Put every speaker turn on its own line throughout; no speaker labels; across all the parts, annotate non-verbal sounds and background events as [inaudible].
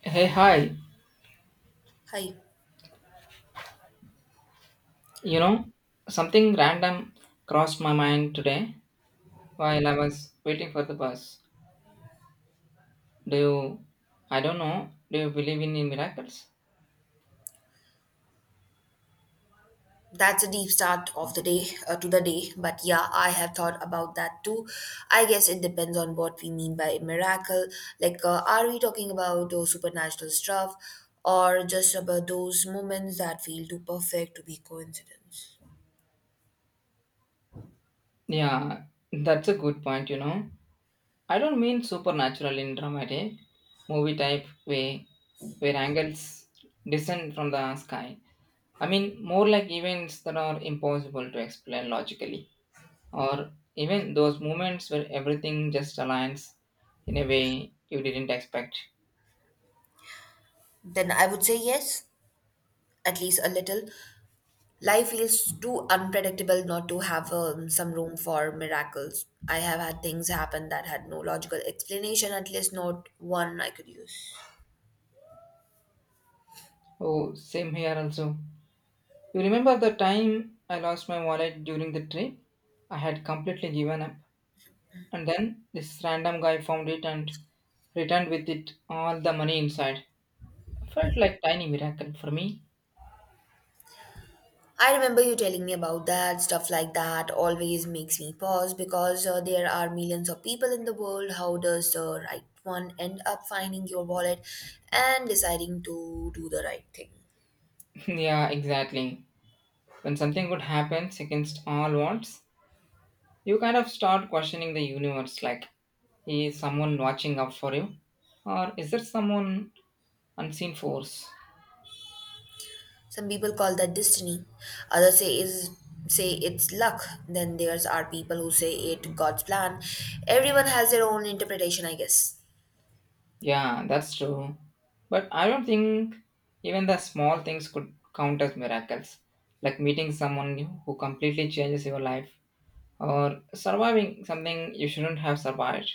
Hey, hi.
Hi,
You know, something random crossed my mind today while I was waiting for the bus. Do you, I don't know, do you believe in miracles?
that's a deep start of the day, but yeah, I have thought about that too. I guess it depends on what we mean by miracle. Like, are we talking about supernatural stuff, or just about those moments that feel too perfect to be coincidence?
Yeah, that's a good point, you know. I don't mean supernatural in dramatic, movie type way where angels descend from the sky. I mean more like events that are impossible to explain logically, or even those moments where everything just aligns in a way you didn't expect.
Then I would say yes, at least a little. Life feels too unpredictable not to have some room for miracles. I have had things happen that had no logical explanation, at least not one I could use.
Oh, same here also. You remember the time I lost my wallet during the trip? I had completely given up, and then this random guy found it and returned with it all the money inside. Felt like tiny miracle for me.
I remember you telling me about that. Stuff like that always makes me pause because there are millions of people in the world. How does the right one end up finding your wallet and deciding to do the right thing?
[laughs] Yeah, exactly. When something good happens against all odds, you kind of start questioning the universe like, is someone watching out for you? Or is there someone unseen force?
Some people call that destiny. Others say it's luck. Then there's are people who say it God's plan. Everyone has their own interpretation, I guess.
Yeah, that's true. But I don't think even the small things could count as miracles, like meeting someone new who completely changes your life or surviving something you shouldn't have survived.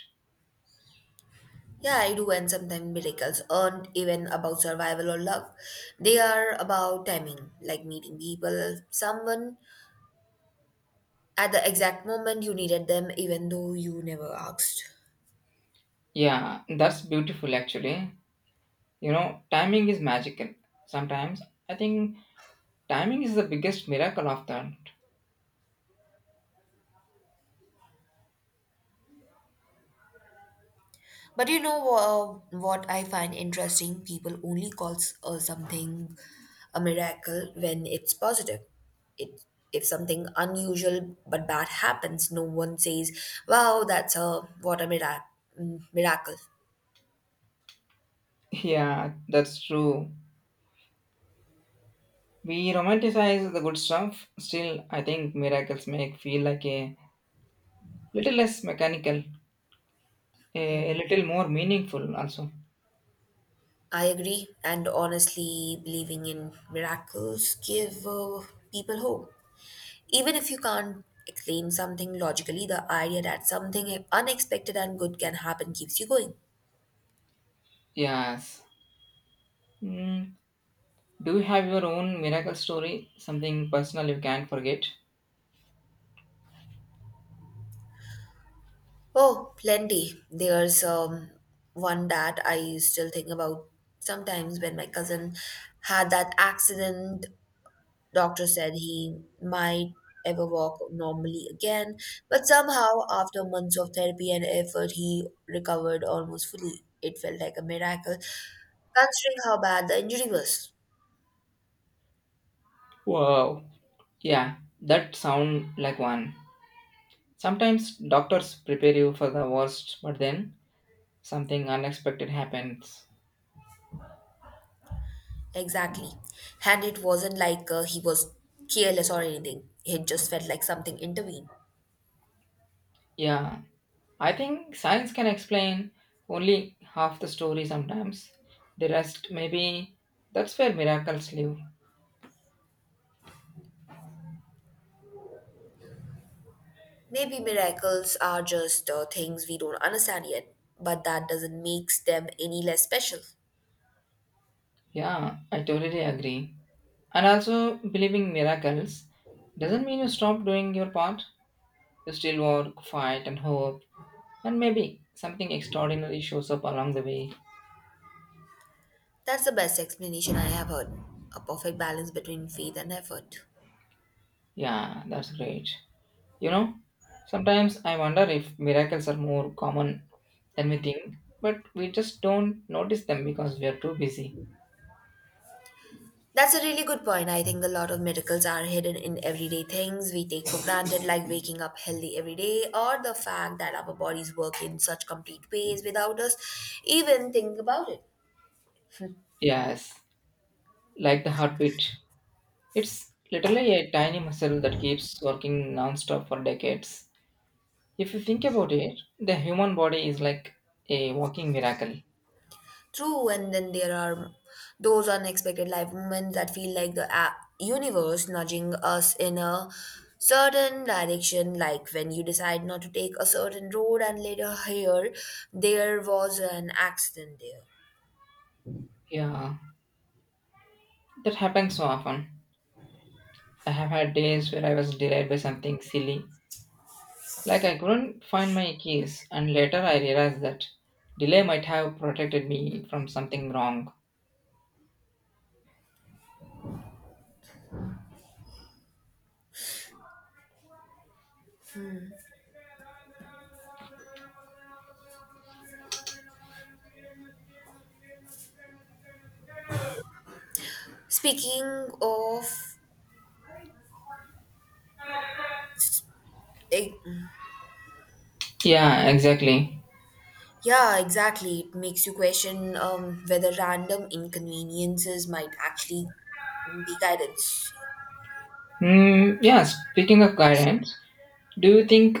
Yeah, I do, and sometimes miracles aren't even about survival or love. They are about timing, like meeting people, someone at the exact moment you needed them, even though you never asked.
Yeah, that's beautiful actually. You know, timing is magical. Sometimes I think timing is the biggest miracle of that.
But you know what I find interesting? People only calls something a miracle when it's positive. It if something unusual but bad happens, no one says, "Wow, that's a what a miracle."
[laughs] Yeah, that's true. We romanticize the good stuff. Still I think miracles make feel like a little less mechanical, a little more meaningful also.
I agree, and honestly, believing in miracles give people hope. Even if you can't explain something logically, the idea that something unexpected and good can happen keeps you going.
Yes. Mm. Do you have your own miracle story, something personal you can't forget?
Oh, plenty. There's one that I still think about sometimes when my cousin had that accident. Doctor said he might ever walk normally again, but somehow after months of therapy and effort he recovered almost fully. It felt like a miracle considering how bad the injury was.
Wow, yeah, that sound like one. Sometimes doctors prepare you for the worst but then something unexpected happens.
Exactly. And it wasn't like he was careless or anything. It just felt like something intervened.
Yeah, I think science can explain only half the story sometimes. The rest, maybe that's where miracles live.
Maybe miracles are just things we don't understand yet, but that doesn't make them any less special.
Yeah, I totally agree. And also, believing miracles doesn't mean you stop doing your part. You still work, fight, and hope. And maybe something extraordinary shows up along the way.
That's the best explanation I have heard. A perfect balance between faith and effort.
Yeah, that's great. You know, sometimes I wonder if miracles are more common than we think, but we just don't notice them because we are too busy.
That's a really good point. I think a lot of miracles are hidden in everyday things we take for granted, like waking up healthy every day, or the fact that our bodies work in such complete ways without us even thinking about it.
Yes, like the heartbeat. It's literally a tiny muscle that keeps working nonstop for decades. If you think about it, the human body is like a walking miracle.
True, and then there are those unexpected life moments that feel like the universe nudging us in a certain direction, like when you decide not to take a certain road and later hear there was an accident there.
Yeah, that happens so often. I have had days where I was delayed by something silly, like I couldn't find my keys, and later I realized that delay might have protected me from something wrong.
Speaking of, eh,
Yeah, exactly.
yeah, exactly, it makes you question whether random inconveniences might actually be guidance.
Mm, yeah, speaking of guidance, do you think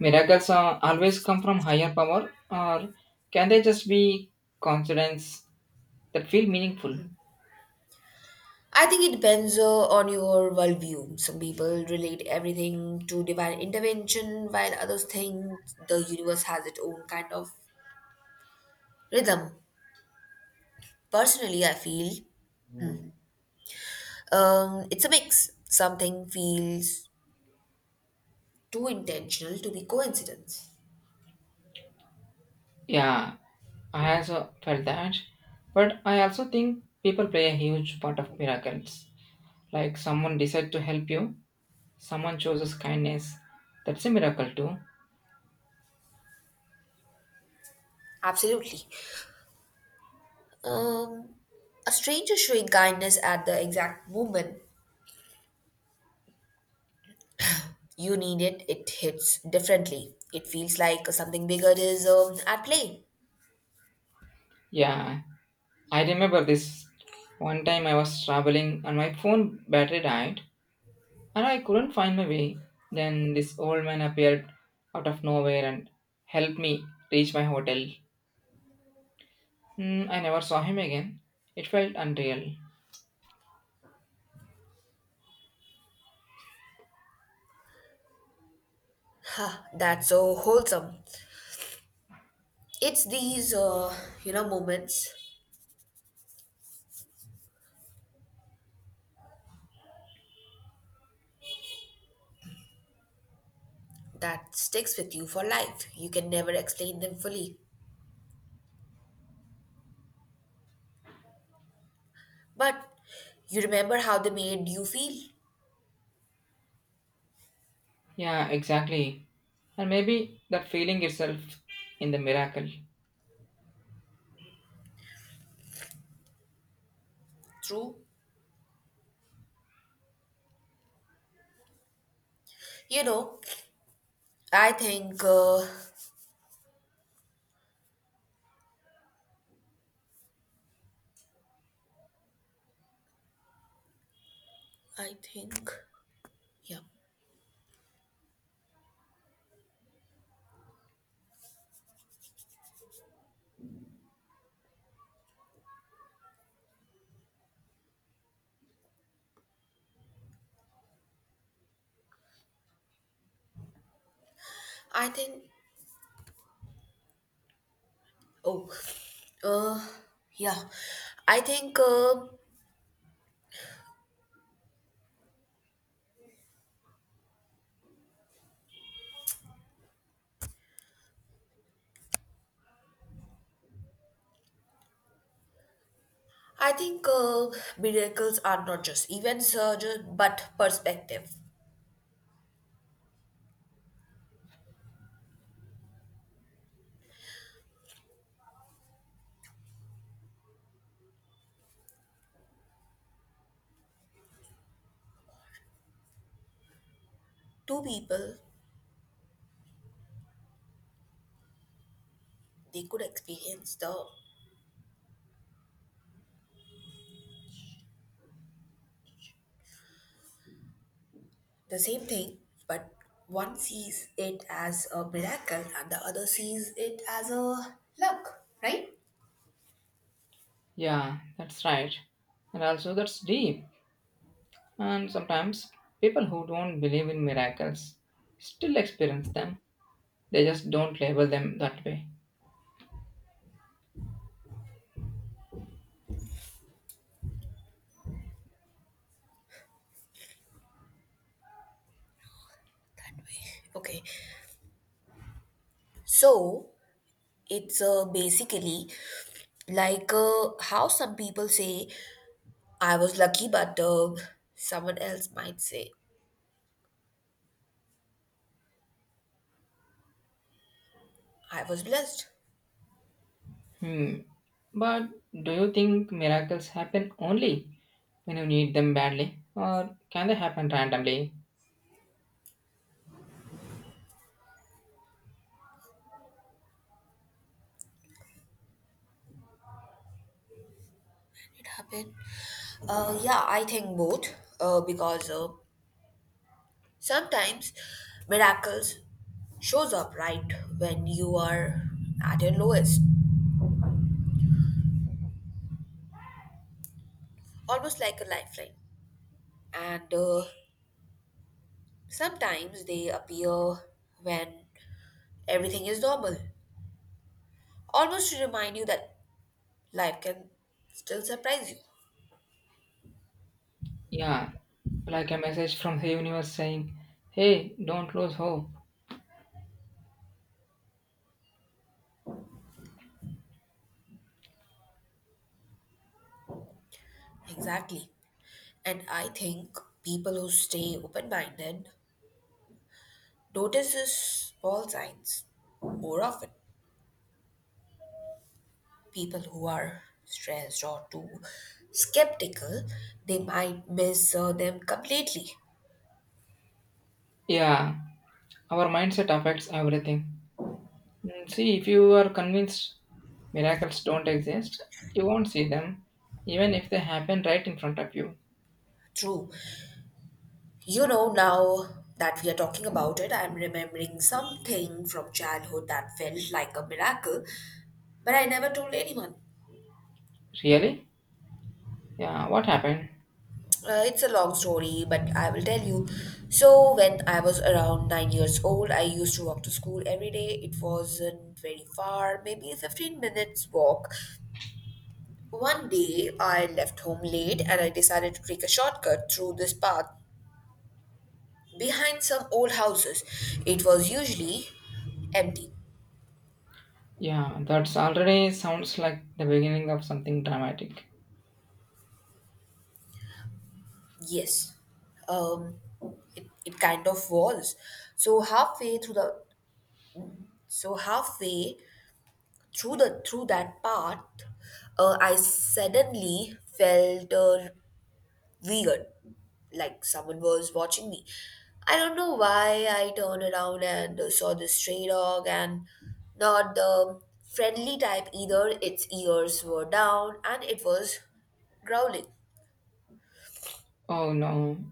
miracles always come from higher power, or can they just be coincidence that feel meaningful?
I think it depends on your worldview. Some people relate everything to divine intervention, while others think the universe has its own kind of rhythm. Personally, I feel it's a mix. Something feels too intentional to be coincidence.
Yeah, I also felt that, but I also think people play a huge part of miracles. Like someone decides to help you, someone chooses kindness. That's a miracle too.
Absolutely. Um, a stranger showing kindness at the exact moment you need it, it hits differently. It feels like something bigger is at play.
Yeah, I remember this one time I was traveling and my phone battery died and I couldn't find my way. Then this old man appeared out of nowhere and helped me reach my hotel. Hmm, I never saw him again. It felt unreal.
Huh, that's so wholesome. It's these moments that sticks with you for life. You can never explain them fully, but you remember how they made you feel.
Yeah, exactly. And maybe that feeling itself in the miracle.
True, you know, I think uh, I think yeah I think oh uh yeah I think uh, I think miracles are not just events but perspective. Two people, they could experience the same thing, but one sees it as a miracle and the other sees it as a luck, right?
Yeah, that's right. And also, that's deep. And sometimes people who don't believe in miracles still experience them, they just don't label them that way.
That way. Okay. So it's basically like how some people say, I was lucky, but someone else might say, I was blessed.
Hmm. But do you think miracles happen only when you need them badly, or can they happen randomly?
Can it happen? Yeah, I think both, because sometimes miracles shows up right when you are at your lowest, almost like a lifeline. And sometimes they appear when everything is normal, almost to remind you that life can still surprise you.
Yeah, like a message from the universe saying, hey, don't lose hope.
Exactly. And I think people who stay open minded notice these small signs more often. People who are stressed or too skeptical, they might miss them completely.
Yeah, our mindset affects everything. Mm, see, if you are convinced miracles don't exist, you won't see them, even if they happen right in front of you.
True. You know, now that we are talking about it, I'm remembering something from childhood that felt like a miracle, but I never told anyone.
Really? Yeah, what happened?
It's a long story, but I will tell you. So, when I was around 9 years old, I used to walk to school every day. It wasn't very far, maybe 15 minutes walk. One day, I left home late and I decided to take a shortcut through this path behind some old houses. It was usually empty.
Yeah, that's already sounds like the beginning of something dramatic.
Yes, um, it kind of was. So halfway through the so halfway through that part, I suddenly felt weird, like someone was watching me. I don't know why I turned around and saw this stray dog, and not the friendly type either. Its ears were down and it was growling.
Oh no,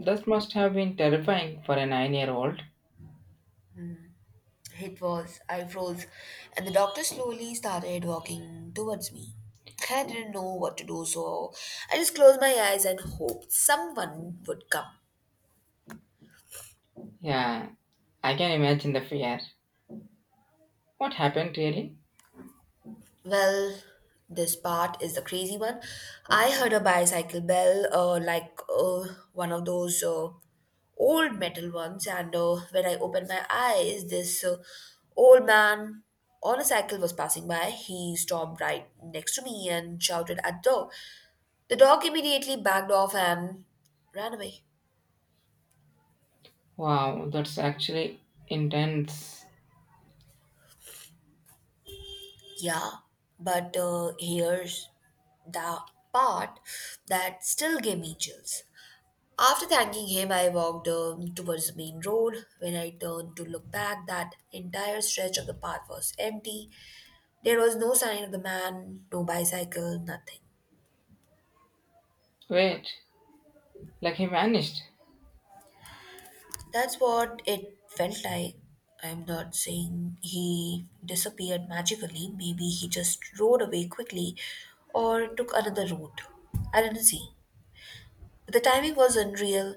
that must have been terrifying for a 9 year old.
It was. I froze, and the doctor slowly started walking towards me. I didn't know what to do, so I just closed my eyes and hoped someone would come.
Yeah, I can imagine the fear. What happened really?
Well, this part is the crazy one. I heard a bicycle bell, like one of those old metal ones, and when I opened my eyes, this old man on a cycle was passing by. He stopped right next to me and shouted at the door. The dog immediately backed off and ran away.
Wow, that's actually intense.
Yeah, but here's the part that still gave me chills. After thanking him, I walked towards the main road. When I turned to look back, that entire stretch of the path was empty. There was no sign of the man, no bicycle, nothing.
Wait, like he vanished.
That's what it felt like. I'm not saying he disappeared magically. Maybe he just rode away quickly or took another route. I didn't see. The timing was unreal.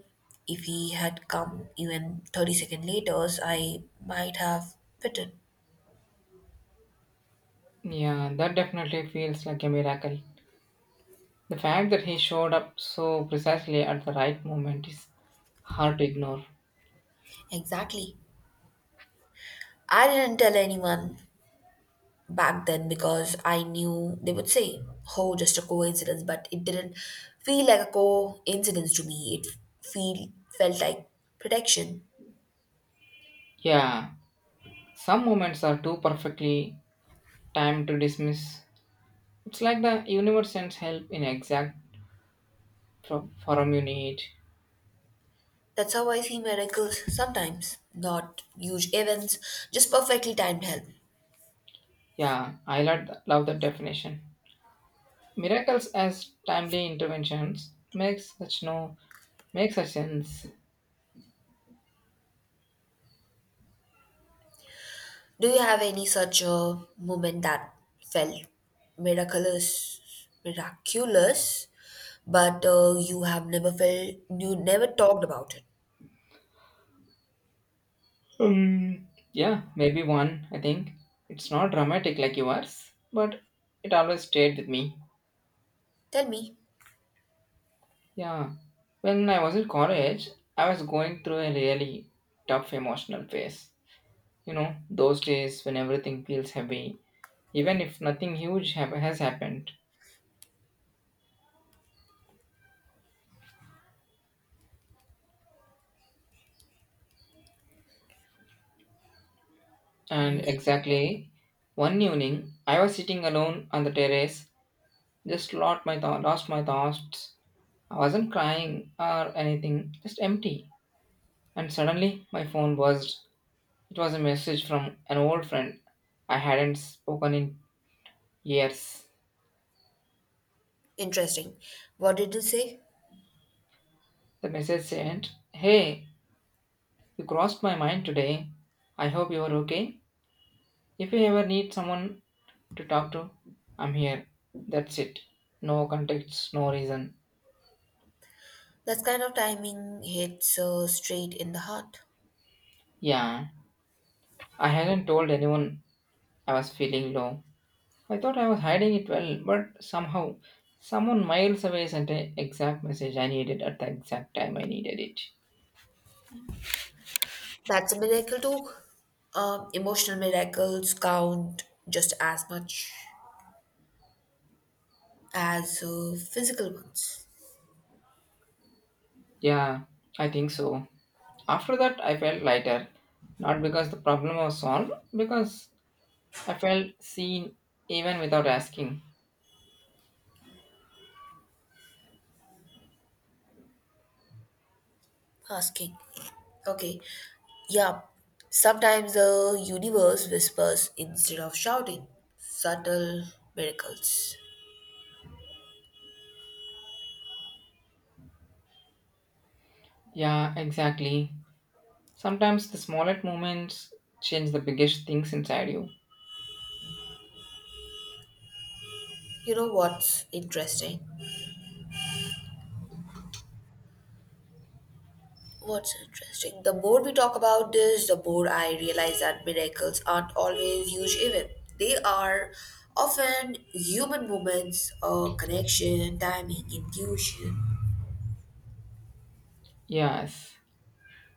If he had come even 30 seconds later, I might have bitten.
Yeah, that definitely feels like a miracle. The fact that he showed up so precisely at the right moment is hard to ignore.
Exactly. I didn't tell anyone back then because I knew they would say, oh, just a coincidence, but it didn't feel like a coincidence to me. It feel felt like protection.
Yeah, some moments are too perfectly timed to dismiss. It's like the universe sends help in exact form you need.
That's how I see miracles sometimes, not huge events, just perfectly timed help.
Yeah, I love that definition. Miracles as timely interventions makes such no makes such sense.
Do you have any such a moment that felt miraculous, but you never talked about it?
Yeah, maybe one. I think it's not dramatic like yours, but it always stayed with me.
Tell me.
Yeah, when I was in college, I was going through a really tough emotional phase. You know, those days when everything feels heavy, even if nothing huge has happened. And
Never.
exactly one evening, I was sitting alone on the terrace. Just lost my thought, lost my thoughts. I wasn't crying or anything, just empty. And suddenly my phone buzzed. It was a message from an old friend I hadn't spoken in years.
Interesting. What did you say?
The message said, hey, you crossed my mind today. I hope you're okay. If you ever need someone to talk to, I'm here. That's it. No context, no reason.
That kind of timing hits straight in the heart.
Yeah, I hadn't told anyone I was feeling low. I thought I was hiding it well, but somehow someone miles away sent an exact message I needed at the exact time I needed it.
That's a miracle too. Emotional miracles count just as much as physical ones.
Yeah, I think so. After that, I felt lighter. Not because the problem was solved, because I felt seen even without asking.
Asking. Okay. Yeah. Sometimes the universe whispers instead of shouting. Subtle miracles.
Yeah, exactly. Sometimes the smallest moments change the biggest things inside you.
You know what's interesting? What's interesting, the more we talk about this, the more I realize that miracles aren't always huge events. They are often human moments or connection, timing, intuition.
Yes,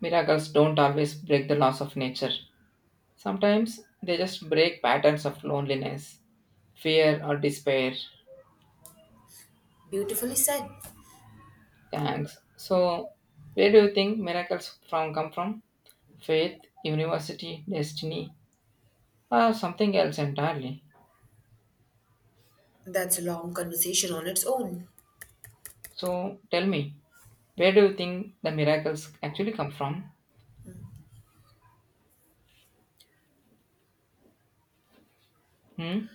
miracles don't always break the laws of nature. Sometimes they just break patterns of loneliness, fear, or despair.
Beautifully said.
Thanks. So, where do you think miracles from come from? Faith, university, destiny, or something else entirely?
That's a long conversation on its own.
So, tell me, where do you think the miracles actually come from? Hmm?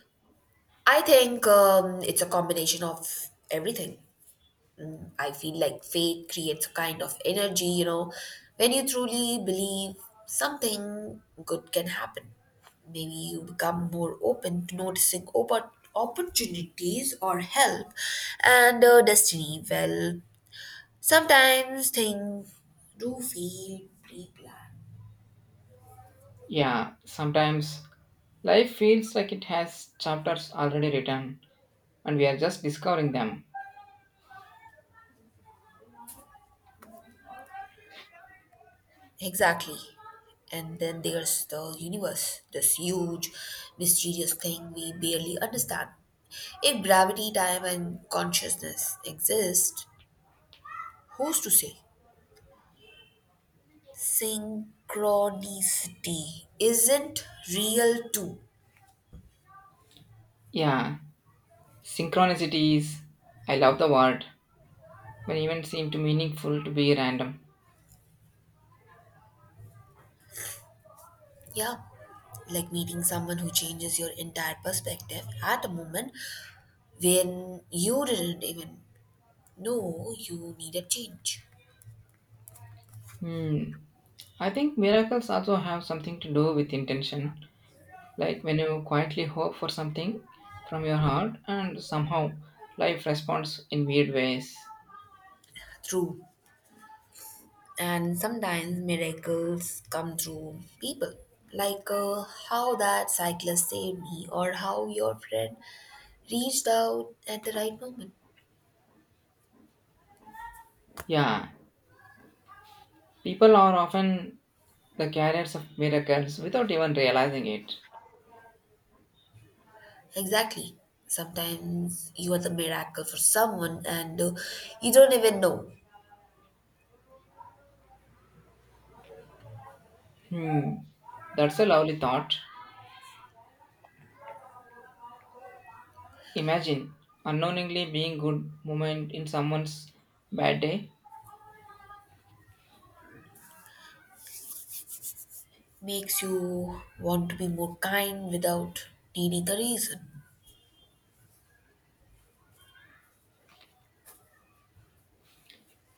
I think it's a combination of everything. I feel like faith creates a kind of energy, you know, when you truly believe something good can happen. Maybe you become more open to noticing opportunities or help, and destiny. Well, sometimes things do feel pre planned.
Yeah, sometimes life feels like it has chapters already written and we are just discovering them.
Exactly. And then there's the universe, this huge, mysterious thing we barely understand. If gravity, time, and consciousness exist, who's to say? Synchronicity isn't real, too.
Yeah, synchronicities. I love the word, when events seem too meaningful to be random.
Yeah, like meeting someone who changes your entire perspective at a moment when you didn't even know you needed change.
Hmm. I think miracles also have something to do with intention. Like when you quietly hope for something from your heart and somehow life responds in weird ways.
True, and sometimes miracles come through people, like how that cyclist saved me or how your friend reached out at the right moment.
Yeah, people are often the carriers of miracles without even realizing it.
Exactly, sometimes you are the miracle for someone and you don't even know.
Hmm. That's a lovely thought. Imagine unknowingly being good moment in someone's bad day.
Makes you want to be more kind without needing a reason.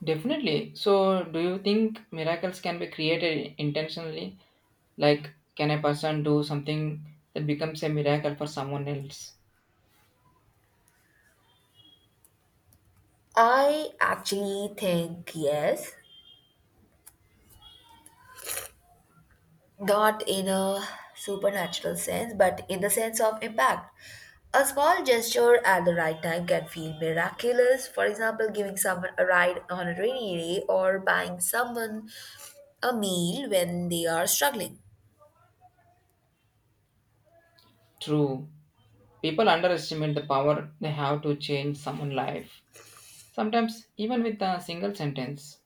Definitely. So, do you think miracles can be created intentionally? Like, can a person do something that becomes a miracle for someone else?
I actually think yes, not in a supernatural sense, but in the sense of impact. A small gesture at the right time can feel miraculous. For example, giving someone a ride on a rainy day or buying someone a meal when they are struggling.
True. People underestimate the power they have to change someone's life. Sometimes, even with a single sentence.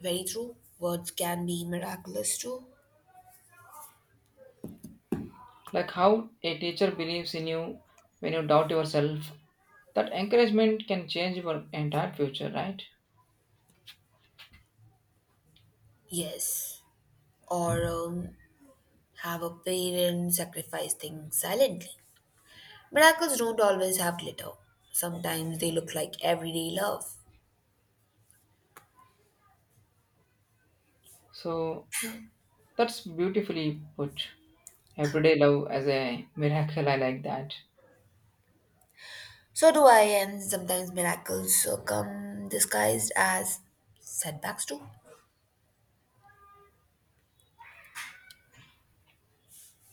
Very true. Words can be miraculous too.
Like how a teacher believes in you when you doubt yourself. That encouragement can change your entire future, right?
Yes. Or have a parent sacrifice things silently. Miracles don't always have glitter. Sometimes they look like everyday love.
So, that's beautifully put. Everyday love as a miracle. I like that.
So do I, and sometimes miracles come disguised as setbacks too.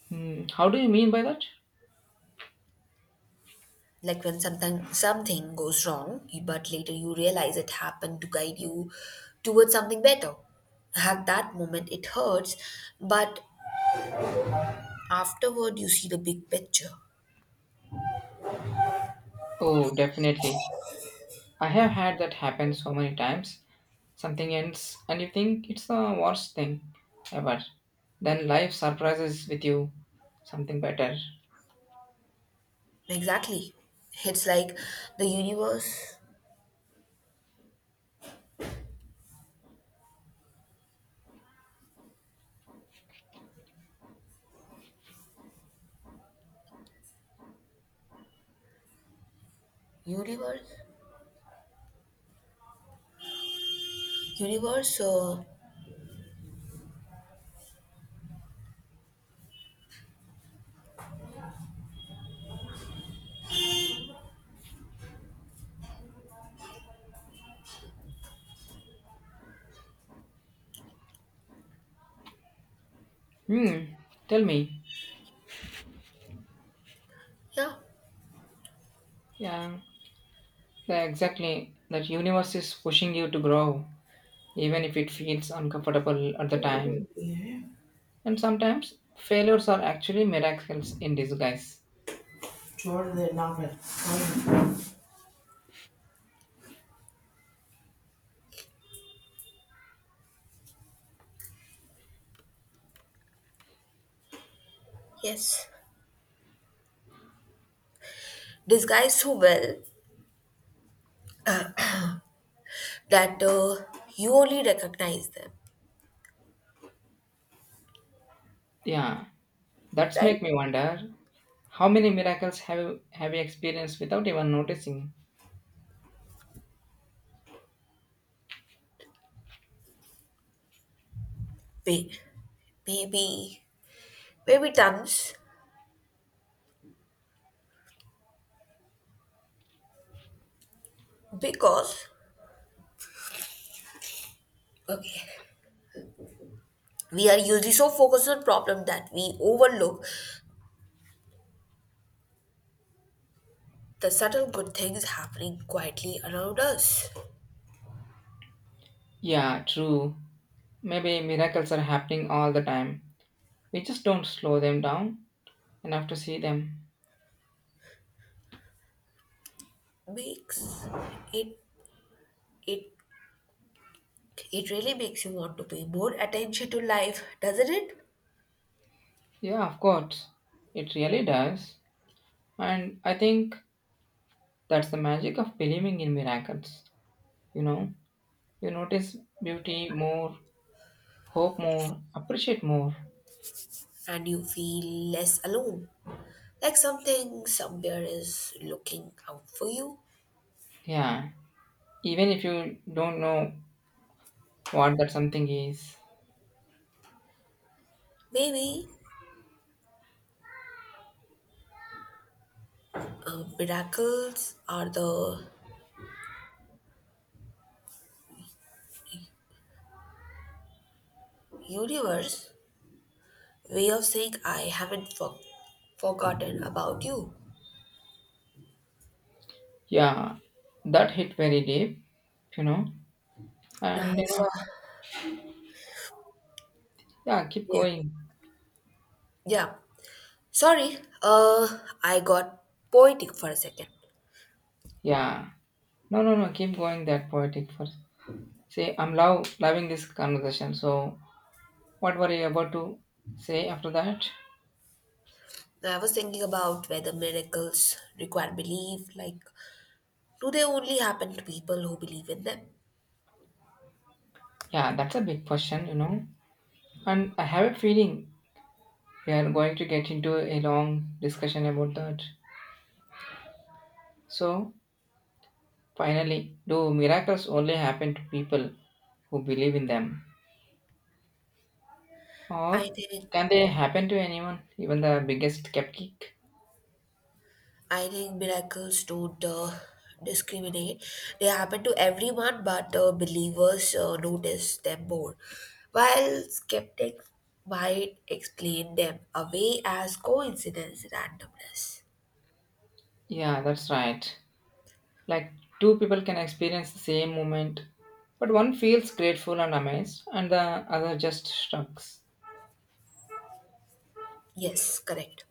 Hmm, how do you mean by that?
Like when something goes wrong, but later you realize it happened to guide you towards something better. At that moment, it hurts, but afterward, you see the big picture.
Oh, definitely. I have had that happen so many times. Something ends, and you think it's the worst thing ever. Then life surprises with you something better.
Exactly, it's like the universe, universe. So
Hmm, tell me.
yeah.
Yeah, exactly. That universe is pushing you to grow, even if it feels uncomfortable at the time.
Yeah,
And sometimes failures are actually miracles in disguise.
sure, the novel. Yes. Disguised so well that you only recognize them,
Yeah, that's
right?
make me wonder, how many miracles have you experienced without even noticing?
May- Maybe, Maybe tons, because okay, we are usually so focused on problem that we overlook the subtle good things happening quietly around us.
Yeah, true. Maybe miracles are happening all the time. We just don't slow them down enough to see them.
Makes it it it really makes you want to pay more attention to life, doesn't it?
Yeah, of course. It really does. And I think that's the magic of believing in miracles. You know, you notice beauty more, hope more, appreciate more.
And you feel less alone. Like something somewhere is looking out for you.
Yeah, even if you don't know what that something is.
Maybe miracles are the universe way of saying I haven't forgotten about you.
Yeah, that hit very deep, you know.
[laughs]
And you know,
So,
yeah, keep
yeah.
going.
Yeah. Sorry, I got poetic for a second.
Yeah. No, no, no, keep going that poetic first. Say, I'm loving this conversation. So, what were you about to say after that?
I was thinking about whether miracles require belief. Like, do they only happen to people who believe in them?
Yeah, that's a big question, you know. And I have a feeling we are going to get into a long discussion about that. So, finally, do miracles only happen to people who believe in them? Or
I think
can they happen to anyone, even the biggest skeptic?
I think miracles don't discriminate. They happen to everyone, but believers notice them more, while skeptics might explain them away as coincidence and randomness.
Yeah, that's right. Like two people can experience the same moment, but one feels grateful and amazed, and the other just shrugs.
Yes, correct.